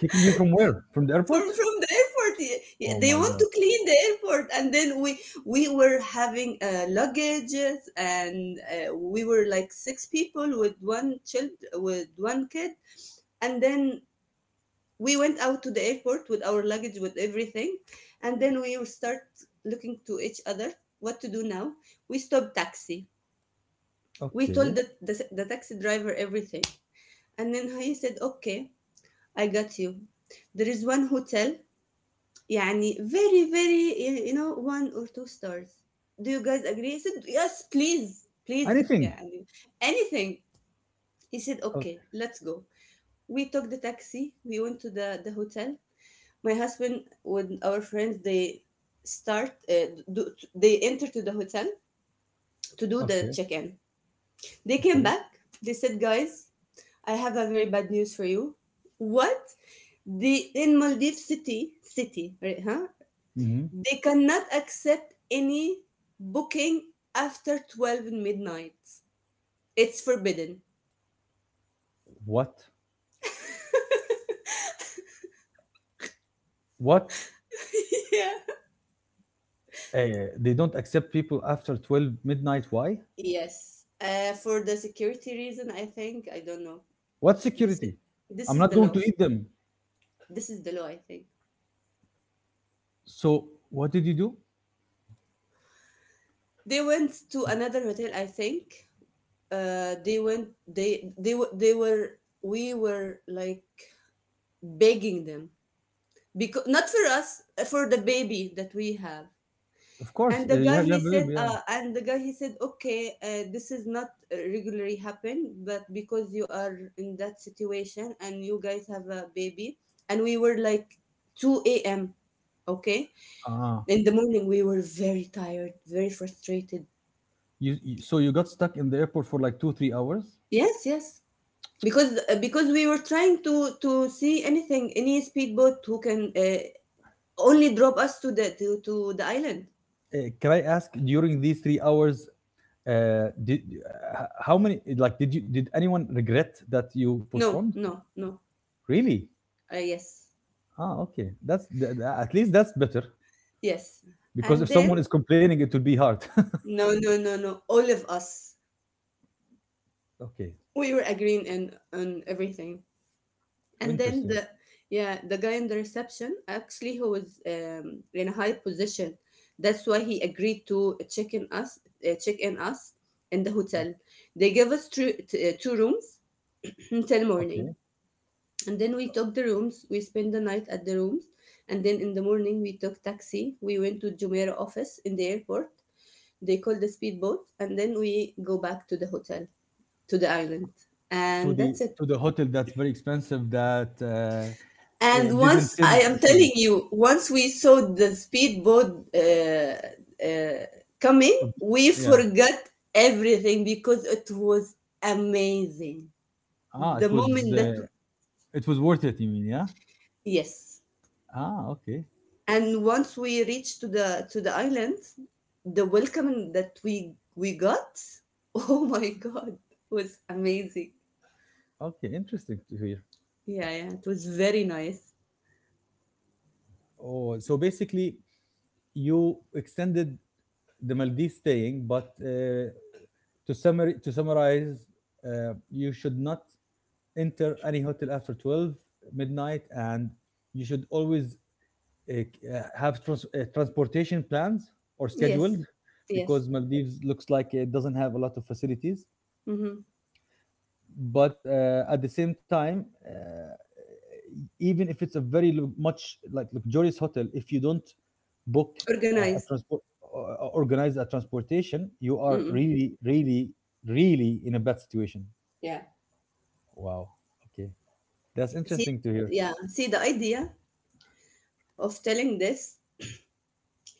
[SPEAKER 1] Kicking you from where? From the airport?
[SPEAKER 2] From the airport.
[SPEAKER 1] Oh
[SPEAKER 2] They
[SPEAKER 1] my
[SPEAKER 2] want
[SPEAKER 1] God.
[SPEAKER 2] to clean the airport, and then we were having luggages, and we were like six people with one child with one kid, and then we went out to the airport with our luggage with everything, and then we will start looking to each other what to do now. We stopped taxi. We told
[SPEAKER 1] Okay.
[SPEAKER 2] the taxi driver everything, and then he said, "Okay, I got you. There is one hotel يعني very very one or two stars, do you guys agree?" He said, "Yes please, please
[SPEAKER 1] Anything.
[SPEAKER 2] يعني, anything." He said,
[SPEAKER 1] O-
[SPEAKER 2] okay, let's go. We took the taxi, we went to the hotel. My husband with our friends, they start they enter to the hotel to do the
[SPEAKER 1] Okay,
[SPEAKER 2] check-in. They came
[SPEAKER 1] okay.
[SPEAKER 2] back, they said, guys, I have a very bad news for you. What? The, in Maldives, city city, right, huh.
[SPEAKER 1] Hmm.
[SPEAKER 2] They cannot accept any booking after 12 midnight. It's forbidden.
[SPEAKER 1] What? What?
[SPEAKER 2] Yeah.
[SPEAKER 1] They don't accept people after 12 midnight. Why?
[SPEAKER 2] Yes. For the security reason, I think. I don't know.
[SPEAKER 1] What
[SPEAKER 2] This is,
[SPEAKER 1] security?
[SPEAKER 2] this
[SPEAKER 1] I'm
[SPEAKER 2] is
[SPEAKER 1] not
[SPEAKER 2] the
[SPEAKER 1] going to
[SPEAKER 2] law.
[SPEAKER 1] eat them.
[SPEAKER 2] This is the law, I think.
[SPEAKER 1] So what did you do?
[SPEAKER 2] They went to another hotel, I think. They went. They were- they were. We were like begging them because not for us, for the baby that we have.
[SPEAKER 1] Of course,
[SPEAKER 2] And
[SPEAKER 1] you have a baby. Yeah.
[SPEAKER 2] the guy he said, "Okay, this is not regularly happen, but because you are in that situation and you guys have a baby and we were like 2 a.m." Okay,
[SPEAKER 1] Ah,
[SPEAKER 2] in the morning we were very tired, very frustrated.
[SPEAKER 1] you so you got stuck in the airport for like two three hours.
[SPEAKER 2] Yes, yes, because because we were trying to see anything, any speedboat who can only drop us to the island.
[SPEAKER 1] Can I ask during these 3 hours, did how many like did you did anyone regret that you
[SPEAKER 2] No,
[SPEAKER 1] postponed?
[SPEAKER 2] no, no.
[SPEAKER 1] Really?
[SPEAKER 2] Yes,
[SPEAKER 1] Ah, okay. That's th- th- at least that's better.
[SPEAKER 2] yes.
[SPEAKER 1] Because
[SPEAKER 2] And
[SPEAKER 1] if
[SPEAKER 2] then
[SPEAKER 1] someone is complaining it will be hard.
[SPEAKER 2] no, no, no, no, all of us.
[SPEAKER 1] Okay.
[SPEAKER 2] We were agreeing and on everything.
[SPEAKER 1] Oh,
[SPEAKER 2] And then
[SPEAKER 1] interesting.
[SPEAKER 2] the, yeah, the guy in the reception, actually, who was in a high position. That's why he agreed to check in us in the hotel. They gave us two rooms until morning,
[SPEAKER 1] Okay,
[SPEAKER 2] and then we took the rooms. We spent the night at the rooms, and then in the morning we took taxi. We went to Jumeirah office in the airport. They called the speedboat, and then we go back to the hotel. To the island, and that's it.
[SPEAKER 1] to the hotel that's very expensive that
[SPEAKER 2] And
[SPEAKER 1] it didn't
[SPEAKER 2] once, I
[SPEAKER 1] send a
[SPEAKER 2] am
[SPEAKER 1] speedboat.
[SPEAKER 2] telling you, once we saw the speedboat, uh, coming,
[SPEAKER 1] Of-
[SPEAKER 2] we
[SPEAKER 1] yeah,
[SPEAKER 2] forgot everything because it was amazing,
[SPEAKER 1] ah
[SPEAKER 2] the moment that,
[SPEAKER 1] it was worth it you mean, yeah.
[SPEAKER 2] yes.
[SPEAKER 1] Ah, okay,
[SPEAKER 2] And once we reached to the island, the welcome that we got, oh my god, was amazing.
[SPEAKER 1] okay, interesting to hear.
[SPEAKER 2] Yeah, yeah, it was very nice.
[SPEAKER 1] Oh so basically you extended the Maldives staying but to summary to summarize, uh, you should not enter any hotel after 12 midnight and you should always have trans- transportation plans or scheduled
[SPEAKER 2] Yes, yes.
[SPEAKER 1] because Maldives looks like it doesn't have a lot of facilities.
[SPEAKER 2] Hmm.
[SPEAKER 1] But at the same time, even if it's a very lu- much like luxurious hotel, if you don't book a
[SPEAKER 2] Organized.
[SPEAKER 1] transport, or organize a transportation, you are
[SPEAKER 2] Mm-mm.
[SPEAKER 1] really, really, really in a bad situation.
[SPEAKER 2] Yeah.
[SPEAKER 1] Wow. Okay, that's
[SPEAKER 2] See,
[SPEAKER 1] interesting to hear.
[SPEAKER 2] yeah, see the idea of telling this.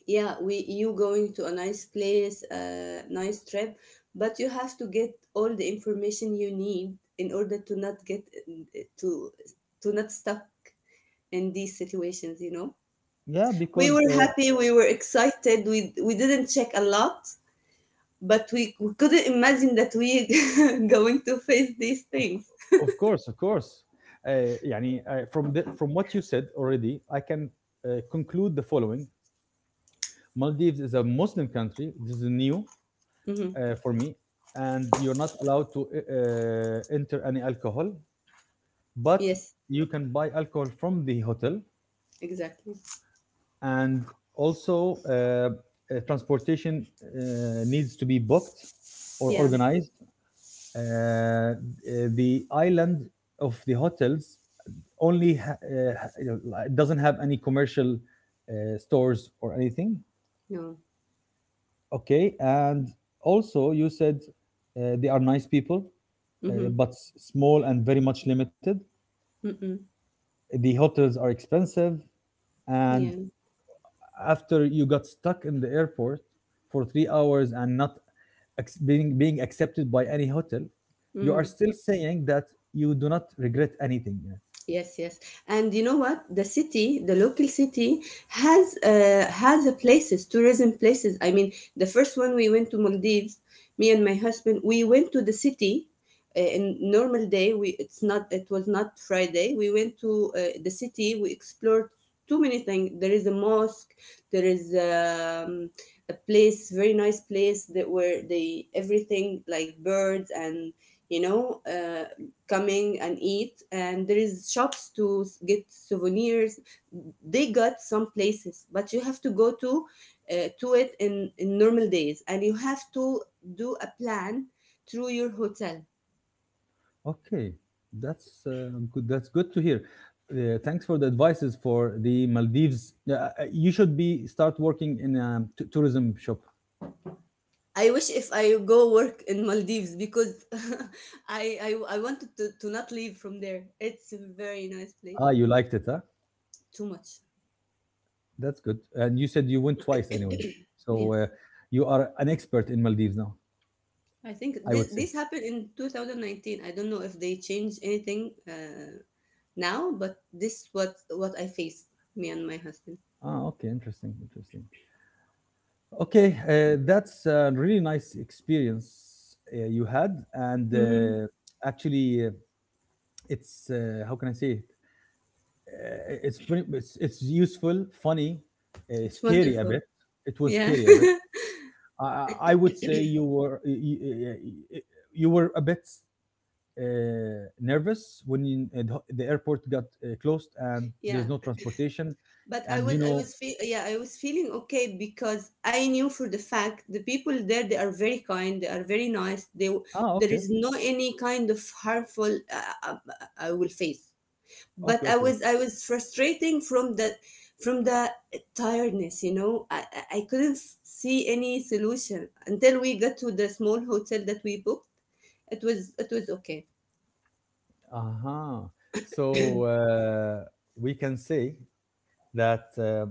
[SPEAKER 2] Yeah, we you going to a nice place, a nice trip, but you have to get all the information you need in order to not get to to not stuck in these situations. You know,
[SPEAKER 1] Yeah,
[SPEAKER 2] we
[SPEAKER 1] because
[SPEAKER 2] were happy, we were excited, we didn't check a lot, but we couldn't imagine that we going to face these things.
[SPEAKER 1] of course, of course. يعني, from the, from what you said already, I can conclude the following: Maldives is a Muslim country. This is new
[SPEAKER 2] Mm-hmm.
[SPEAKER 1] for me, and you're not allowed to enter any alcohol, but
[SPEAKER 2] Yes,
[SPEAKER 1] you can buy alcohol from the hotel,
[SPEAKER 2] exactly.
[SPEAKER 1] and also transportation needs to be booked or
[SPEAKER 2] Yeah.
[SPEAKER 1] organized. Uh, uh, the island of the hotels only ha- you know, it doesn't have any commercial stores or anything.
[SPEAKER 2] No.
[SPEAKER 1] Okay, and also you said they are nice people,
[SPEAKER 2] Mm-hmm.
[SPEAKER 1] but s- small and very much limited.
[SPEAKER 2] Mm-mm.
[SPEAKER 1] The hotels are expensive, and
[SPEAKER 2] Yeah.
[SPEAKER 1] after you got stuck in the airport for 3 hours and not ac- being being accepted by any hotel, you are
[SPEAKER 2] Hmm.
[SPEAKER 1] still saying that you do not regret anything yet.
[SPEAKER 2] Yes, yes. And you know what? The city, the local city, has a places, tourism places. I mean, the first one we went to Maldives, me and my husband, we went to the city. In normal day, we it's not it was not Friday. We went to the city. We explored too many things. There is a mosque. There is a place, very nice place that where they everything like birds and you know. Coming and eat, and there is shops to s- get souvenirs. They got some places, but you have to go to it in normal days, and you have to do a plan through your hotel.
[SPEAKER 1] Okay, that's good. That's good to hear. Thanks for the advices for the Maldives. Yeah, you should be start working in a t- tourism shop.
[SPEAKER 2] I wish if I go work in Maldives, because I wanted to not leave from there. It's a very nice place.
[SPEAKER 1] Ah, you liked it, huh?
[SPEAKER 2] Too much.
[SPEAKER 1] That's good. And you said you went twice anyway, so
[SPEAKER 2] Yes,
[SPEAKER 1] you are an expert in Maldives now.
[SPEAKER 2] I think
[SPEAKER 1] I
[SPEAKER 2] this,
[SPEAKER 1] would say.
[SPEAKER 2] this happened in 2019. I don't know if they changed anything, now, but this what I faced, me and my husband.
[SPEAKER 1] Ah, okay, interesting, interesting. Okay, that's a really nice experience you had, and
[SPEAKER 2] Mhm.
[SPEAKER 1] actually, it's how can I say it? It's pretty, it's useful, funny,
[SPEAKER 2] It's
[SPEAKER 1] scary a
[SPEAKER 2] wonderful.
[SPEAKER 1] bit. It was
[SPEAKER 2] Yeah.
[SPEAKER 1] scary a bit. I would say you were you, you were a bit nervous when the airport got closed and there's
[SPEAKER 2] Yeah.
[SPEAKER 1] no transportation,
[SPEAKER 2] But
[SPEAKER 1] and you know,
[SPEAKER 2] yeah, I was feeling okay because I knew for the fact the people there, they are very kind, they are very nice. They,
[SPEAKER 1] ah,
[SPEAKER 2] there
[SPEAKER 1] okay,
[SPEAKER 2] is no any kind of harmful I will face.
[SPEAKER 1] okay,
[SPEAKER 2] But I
[SPEAKER 1] okay,
[SPEAKER 2] was
[SPEAKER 1] okay.
[SPEAKER 2] I was frustrating from the tiredness, you know. I couldn't see any solution until we got to the small hotel that we booked. It was, it was okay.
[SPEAKER 1] Uh-huh. So we can say that.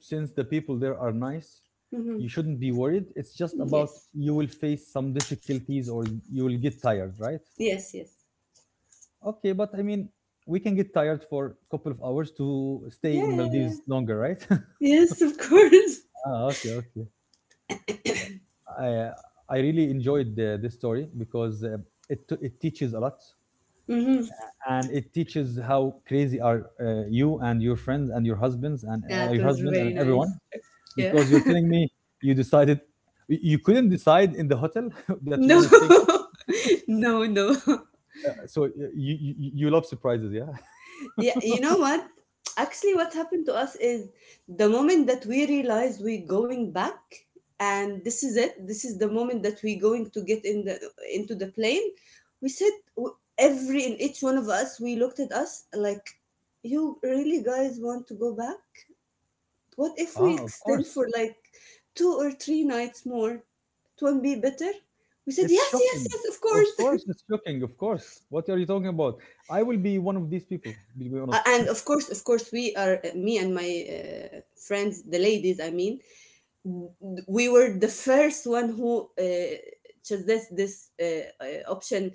[SPEAKER 1] Since the people there are nice,
[SPEAKER 2] Mm-hmm.
[SPEAKER 1] you shouldn't be worried. It's just about
[SPEAKER 2] Yes,
[SPEAKER 1] you will face some difficulties or you will get tired, right?
[SPEAKER 2] yes, yes.
[SPEAKER 1] Okay, but I mean, we can get tired for a couple of hours to stay in
[SPEAKER 2] Yeah.
[SPEAKER 1] Maldives longer, right?
[SPEAKER 2] Yes, of course.
[SPEAKER 1] Ah, okay, okay. I uh, I really enjoyed the, this story because it t- it teaches a lot
[SPEAKER 2] Mm-hmm.
[SPEAKER 1] and it teaches how crazy are you and your friends and your husbands and
[SPEAKER 2] Yeah, it
[SPEAKER 1] your
[SPEAKER 2] was
[SPEAKER 1] husband and
[SPEAKER 2] very
[SPEAKER 1] everyone.
[SPEAKER 2] nice. Yeah.
[SPEAKER 1] Because you're telling me you decided y- you couldn't decide in the hotel that you want
[SPEAKER 2] No,
[SPEAKER 1] to stay more.
[SPEAKER 2] no, no.
[SPEAKER 1] So you you you love surprises, yeah?
[SPEAKER 2] Yeah, you know what? Actually, what happened to us is the moment that we realize we're going back, and this is it. This is the moment that we're going to get in the into the plane. We said, w- every and each one of us, we looked at us like, "You really guys want to go back? What if we
[SPEAKER 1] Ah, of
[SPEAKER 2] extend
[SPEAKER 1] course.
[SPEAKER 2] for like two or three nights more? It won't be better." We said,
[SPEAKER 1] It's
[SPEAKER 2] "Yes, yes,
[SPEAKER 1] shocking.
[SPEAKER 2] yes, of
[SPEAKER 1] Of
[SPEAKER 2] course."
[SPEAKER 1] course, it's shocking. Of course. What are you talking about? I will be one of these people, to be honest.
[SPEAKER 2] And of course, of course, we are, me and my friends, the ladies, I mean, we were the first one who chose this option.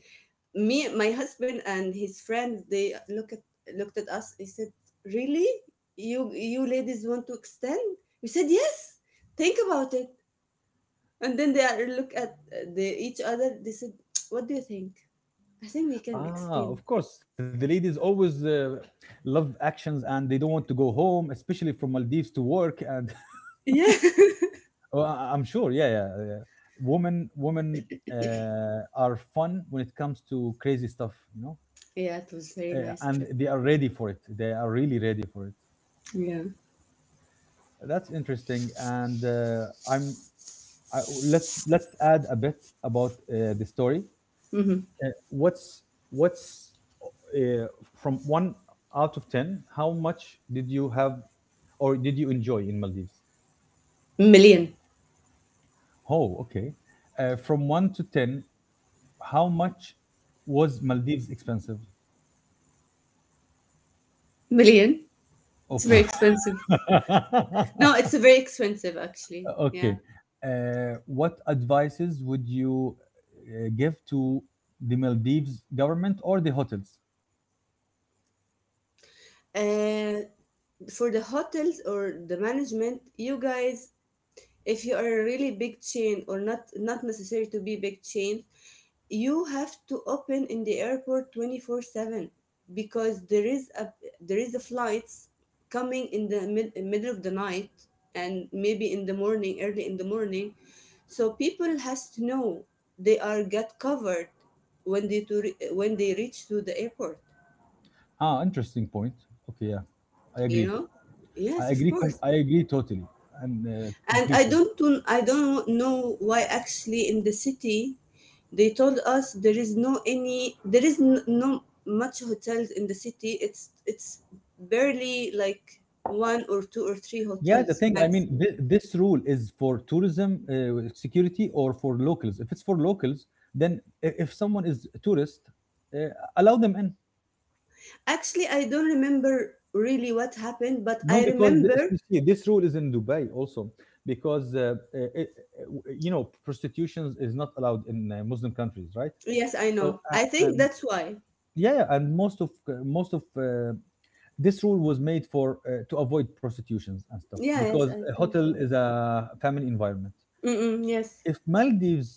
[SPEAKER 2] Me, my husband and his friends, they looked at us, they said, really, you ladies want to extend? We said yes. Think about it. And then look at each other, they said, what do you think? I think we can extend.
[SPEAKER 1] Ah, of course. The ladies always love actions and they don't want to go home, especially from Maldives to work. And
[SPEAKER 2] Yeah.
[SPEAKER 1] oh, I'm sure, yeah, yeah, yeah. Women, women are fun when it comes to crazy stuff, you know,
[SPEAKER 2] Yeah, it was very nice
[SPEAKER 1] and
[SPEAKER 2] trip.
[SPEAKER 1] they are ready for it. They are really ready for it.
[SPEAKER 2] Yeah.
[SPEAKER 1] That's interesting. And let's add a bit about the story.
[SPEAKER 2] Mm-hmm.
[SPEAKER 1] Uh, what's what's uh, from one out of ten, how much did you have or did you enjoy in Maldives?
[SPEAKER 2] Million.
[SPEAKER 1] Oh, okay. From one to ten, how much was Maldives expensive?
[SPEAKER 2] Million.
[SPEAKER 1] Oh.
[SPEAKER 2] It's very expensive. No, it's very expensive actually.
[SPEAKER 1] Okay.
[SPEAKER 2] Yeah.
[SPEAKER 1] What advices would you give to the Maldives government or the hotels?
[SPEAKER 2] Uh, for the hotels or the management, you guys, if you are a really big chain or not, not necessary to be big chain, you have to open in the airport 24/7, because there is a, there is a flights coming in the middle of the night, and maybe in the morning, early in the morning, so people has to know they are get covered when they when they reach to the airport.
[SPEAKER 1] Ah, interesting point. Okay, yeah, I
[SPEAKER 2] You
[SPEAKER 1] agree.
[SPEAKER 2] know. Yes,
[SPEAKER 1] I
[SPEAKER 2] of
[SPEAKER 1] agree. Com-
[SPEAKER 2] course.
[SPEAKER 1] I agree totally and
[SPEAKER 2] And
[SPEAKER 1] completely.
[SPEAKER 2] I don't know why actually in the city they told us there is no any, there is no much hotels in the city. It's barely like one or two or three
[SPEAKER 1] Yeah, the
[SPEAKER 2] hotels
[SPEAKER 1] thing, I mean,
[SPEAKER 2] maximum.
[SPEAKER 1] th- this rule is for tourism security or for locals. If it's for locals, then I- if someone is a tourist, uh, allow them in.
[SPEAKER 2] Actually, I don't remember really what happened, but
[SPEAKER 1] No,
[SPEAKER 2] I
[SPEAKER 1] because the,
[SPEAKER 2] remember.
[SPEAKER 1] you see, this rule is in Dubai also, because it, uh, you know prostitution is not allowed in Muslim countries, right?
[SPEAKER 2] Yes, I know,
[SPEAKER 1] So,
[SPEAKER 2] I think that's why.
[SPEAKER 1] yeah, yeah, and most of this rule was made for to avoid prostitutions and stuff
[SPEAKER 2] Yeah, yes,
[SPEAKER 1] because
[SPEAKER 2] I
[SPEAKER 1] a
[SPEAKER 2] think
[SPEAKER 1] hotel
[SPEAKER 2] so.
[SPEAKER 1] is a family environment.
[SPEAKER 2] Mm-mm, yes.
[SPEAKER 1] If Maldives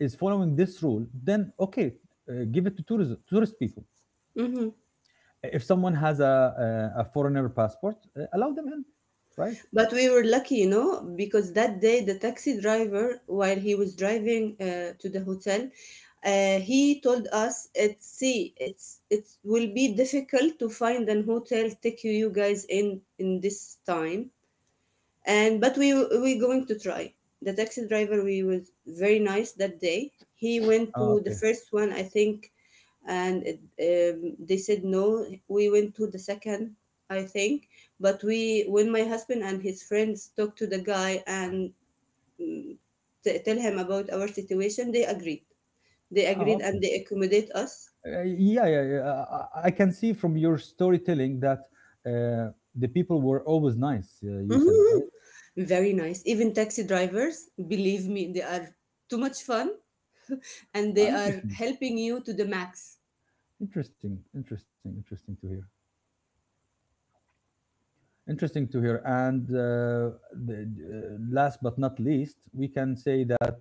[SPEAKER 1] is following this rule, then okay, give it to tourism, tourist people.
[SPEAKER 2] Mm-hmm.
[SPEAKER 1] If someone has a foreigner passport, allow them in, right?
[SPEAKER 2] But we were lucky, you know, because that day the taxi driver, while he was driving to the hotel, he told us, "It's see, it's it will be difficult to find an hotel take you you guys in this time." And but we going to try. The taxi driver, we was very nice that day. He went
[SPEAKER 1] Oh,
[SPEAKER 2] to the
[SPEAKER 1] okay.
[SPEAKER 2] first one, I think, and it, they said no, we went to the second, I think. But we, when my husband and his friends talked to the guy and mm, tell him about our situation, they agreed. They
[SPEAKER 1] Oh,
[SPEAKER 2] agreed, and
[SPEAKER 1] okay.
[SPEAKER 2] they accommodate us.
[SPEAKER 1] Yeah, yeah, yeah. I can see from your storytelling that uh, the people were always nice. You said right.
[SPEAKER 2] Mhm. Very nice, even taxi drivers, believe me, they are too much fun, and they
[SPEAKER 1] Ah,
[SPEAKER 2] are
[SPEAKER 1] interesting,
[SPEAKER 2] helping you to the max.
[SPEAKER 1] interesting, interesting, interesting to hear. Interesting to hear. And the, last but not least, we can say that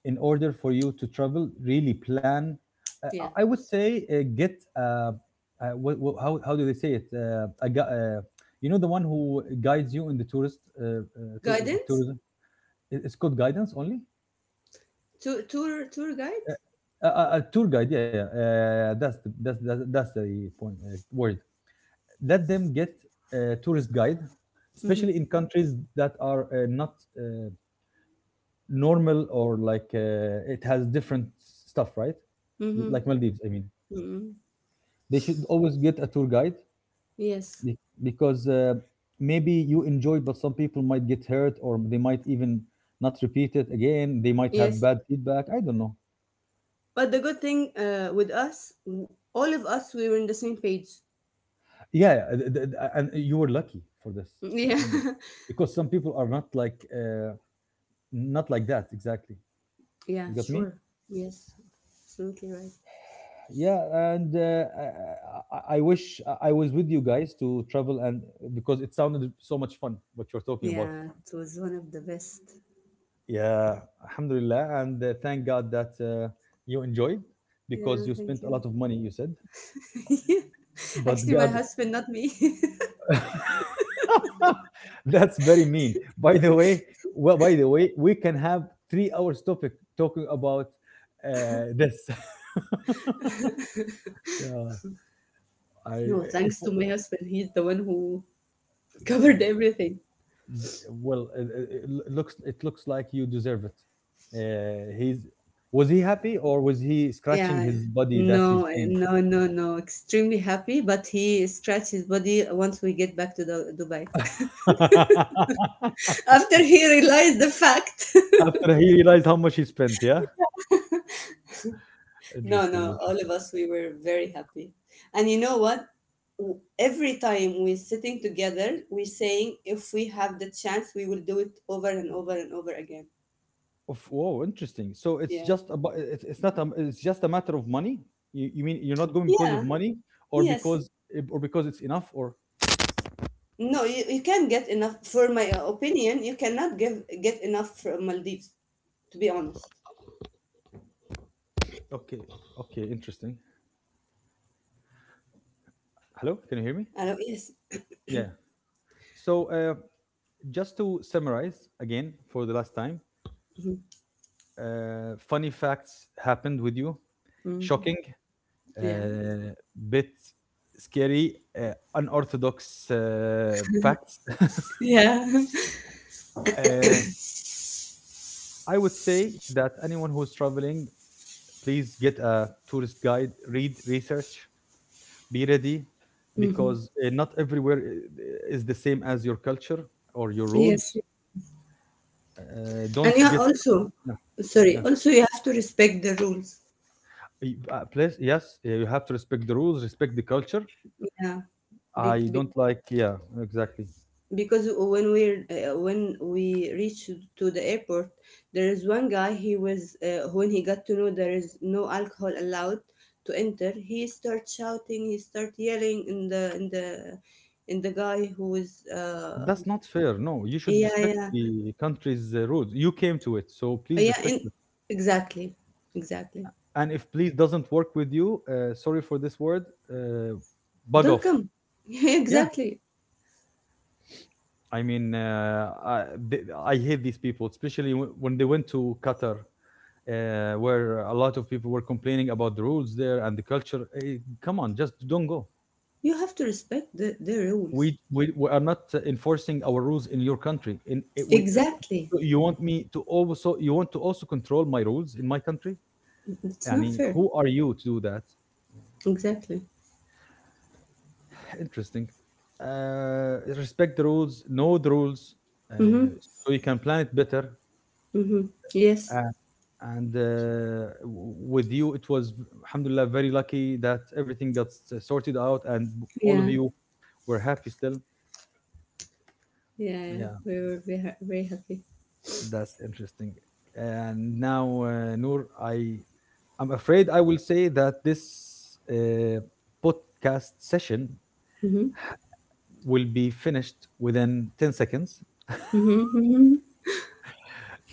[SPEAKER 1] in order for you to travel, really plan. Uh,
[SPEAKER 2] Yeah.
[SPEAKER 1] I would say how do they say it? You know the one who guides you in the tourist
[SPEAKER 2] Guidance.
[SPEAKER 1] tourism. It- It's called guidance only.
[SPEAKER 2] Tour guide.
[SPEAKER 1] Uh, a, a tour guide, yeah, yeah. That's the that's the point word. Let them get a tourist guide, especially
[SPEAKER 2] Mm-hmm.
[SPEAKER 1] in countries that are not uh, normal or like it has different stuff, right?
[SPEAKER 2] Mm-hmm.
[SPEAKER 1] Like Maldives, I mean.
[SPEAKER 2] Mm-hmm.
[SPEAKER 1] They should always get a tour guide
[SPEAKER 2] Yes,
[SPEAKER 1] be- because maybe you enjoy but some people might get hurt or they might even not repeat it again, they might have
[SPEAKER 2] yes.
[SPEAKER 1] bad feedback, I don't know.
[SPEAKER 2] But the good thing with us, all of us, we were in the same page.
[SPEAKER 1] Yeah, yeah, th- th- th- and you were lucky for this,
[SPEAKER 2] Yeah.
[SPEAKER 1] and because some people are not like not like that exactly.
[SPEAKER 2] Yeah,
[SPEAKER 1] You got me.
[SPEAKER 2] sure. Yes, absolutely right.
[SPEAKER 1] Yeah. And I wish I was with you guys to travel and because it sounded so much fun what you're talking about.
[SPEAKER 2] Yeah, it was one of the best.
[SPEAKER 1] Yeah, Alhamdulillah, and thank God that you enjoyed because
[SPEAKER 2] Yeah,
[SPEAKER 1] you spent
[SPEAKER 2] thank
[SPEAKER 1] a lot
[SPEAKER 2] you.
[SPEAKER 1] of money. You said, but
[SPEAKER 2] Actually, my
[SPEAKER 1] God,
[SPEAKER 2] husband, not me.
[SPEAKER 1] that's very mean. By the way, well, by the way, we can have 3 hours topic talking about this. Yeah, I
[SPEAKER 2] No,
[SPEAKER 1] it
[SPEAKER 2] thanks to
[SPEAKER 1] w-
[SPEAKER 2] my husband. He's the one who
[SPEAKER 1] uh,
[SPEAKER 2] covered everything.
[SPEAKER 1] d- well, it lo- looks it looks like you deserve it. He's was he happy or was he scratching
[SPEAKER 2] Yeah.
[SPEAKER 1] his body that he's paying?
[SPEAKER 2] No, no, no. Extremely happy, but he scratched his body once we get back to the, Dubai. After he realized the fact.
[SPEAKER 1] After he realized how much he spent, yeah.
[SPEAKER 2] No,
[SPEAKER 1] Interesting,
[SPEAKER 2] no, all
[SPEAKER 1] interesting.
[SPEAKER 2] of us, we were very happy. And you know what? W- Every time we're sitting together, we're saying, if we have the chance, we will do it over and over and over again.
[SPEAKER 1] Of oh, interesting. So it's
[SPEAKER 2] Yeah.
[SPEAKER 1] just about it's not a, it's just a matter of money. You mean you're not going because of
[SPEAKER 2] Yeah.
[SPEAKER 1] money or
[SPEAKER 2] Yes.
[SPEAKER 1] because or because it's enough or
[SPEAKER 2] No, you can't get enough. For my opinion, you cannot give get enough from Maldives, to be honest.
[SPEAKER 1] okay, okay, interesting. Hello, can you hear me?
[SPEAKER 2] I know. Yes.
[SPEAKER 1] Yeah. So just to summarize again for the last time,
[SPEAKER 2] Mhm.
[SPEAKER 1] funny facts happened with you,
[SPEAKER 2] Mhm.
[SPEAKER 1] shocking,
[SPEAKER 2] Yeah.
[SPEAKER 1] uh, bit scary, unorthodox facts.
[SPEAKER 2] Yeah.
[SPEAKER 1] uh, I would say that anyone who's traveling, please get a tourist guide, read, research, be ready,
[SPEAKER 2] Mhm.
[SPEAKER 1] because not everywhere I- is the same as your culture or your
[SPEAKER 2] Yes.
[SPEAKER 1] rules. Don't
[SPEAKER 2] And you
[SPEAKER 1] get
[SPEAKER 2] also,
[SPEAKER 1] yeah, yeah.
[SPEAKER 2] sorry, also you have to respect the rules.
[SPEAKER 1] Please, yes, you have to respect the rules, respect the culture.
[SPEAKER 2] Yeah. Be
[SPEAKER 1] I
[SPEAKER 2] Be-
[SPEAKER 1] don't like, yeah, exactly.
[SPEAKER 2] because when we reached to the airport, there is one guy, he was when he got to know there is no alcohol allowed to enter, he start shouting, he start yelling in the in the in the guy who was
[SPEAKER 1] That's not fair. No, you should
[SPEAKER 2] yeah,
[SPEAKER 1] respect
[SPEAKER 2] yeah,
[SPEAKER 1] the country's rules. You came to it, so please
[SPEAKER 2] yeah, in,
[SPEAKER 1] respect it.
[SPEAKER 2] exactly, exactly.
[SPEAKER 1] And if please doesn't work with you, sorry for this word, uh, bug
[SPEAKER 2] Don't
[SPEAKER 1] off.
[SPEAKER 2] come.
[SPEAKER 1] Yeah,
[SPEAKER 2] Exactly.
[SPEAKER 1] I mean, th I hate these people, especially w when they went to Qatar, where a lot of people were complaining about the rules there and the culture. Eh, come on, just don't go.
[SPEAKER 2] You have to respect the
[SPEAKER 1] We,
[SPEAKER 2] rules.
[SPEAKER 1] we are not enforcing our rules in your country. In it,
[SPEAKER 2] Exactly.
[SPEAKER 1] so you want me to also you want to also control my rules in my country?
[SPEAKER 2] It's
[SPEAKER 1] I
[SPEAKER 2] not
[SPEAKER 1] mean,
[SPEAKER 2] fair.
[SPEAKER 1] who are you to do that?
[SPEAKER 2] Exactly.
[SPEAKER 1] Interesting. Uh, Respect the rules, know the rules, uh,
[SPEAKER 2] Mm-hmm.
[SPEAKER 1] so you can plan it better.
[SPEAKER 2] Mm-hmm. Yes.
[SPEAKER 1] eh, and with you it was v- alhamdulillah very lucky that everything got s- sorted out and all
[SPEAKER 2] Yeah.
[SPEAKER 1] of you were happy still,
[SPEAKER 2] Yeah, yeah.
[SPEAKER 1] yeah.
[SPEAKER 2] We were very, very happy.
[SPEAKER 1] That's interesting. And now Noor, I'm afraid I will say that this uh, podcast session
[SPEAKER 2] Hmm.
[SPEAKER 1] will be finished within 10 seconds.
[SPEAKER 2] Hmm. Hmm.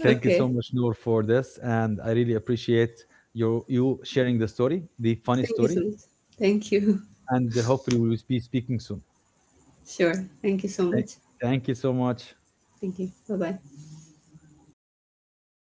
[SPEAKER 1] Thank you so
[SPEAKER 2] Okay.
[SPEAKER 1] much Noor for this and I really appreciate your you sharing the story, the funny
[SPEAKER 2] Thank you so
[SPEAKER 1] story,
[SPEAKER 2] much. Thank you.
[SPEAKER 1] and hopefully we will be speaking soon.
[SPEAKER 2] Sure. Thank you so
[SPEAKER 1] Thank,
[SPEAKER 2] much.
[SPEAKER 1] thank you so much.
[SPEAKER 2] Thank you. Bye bye.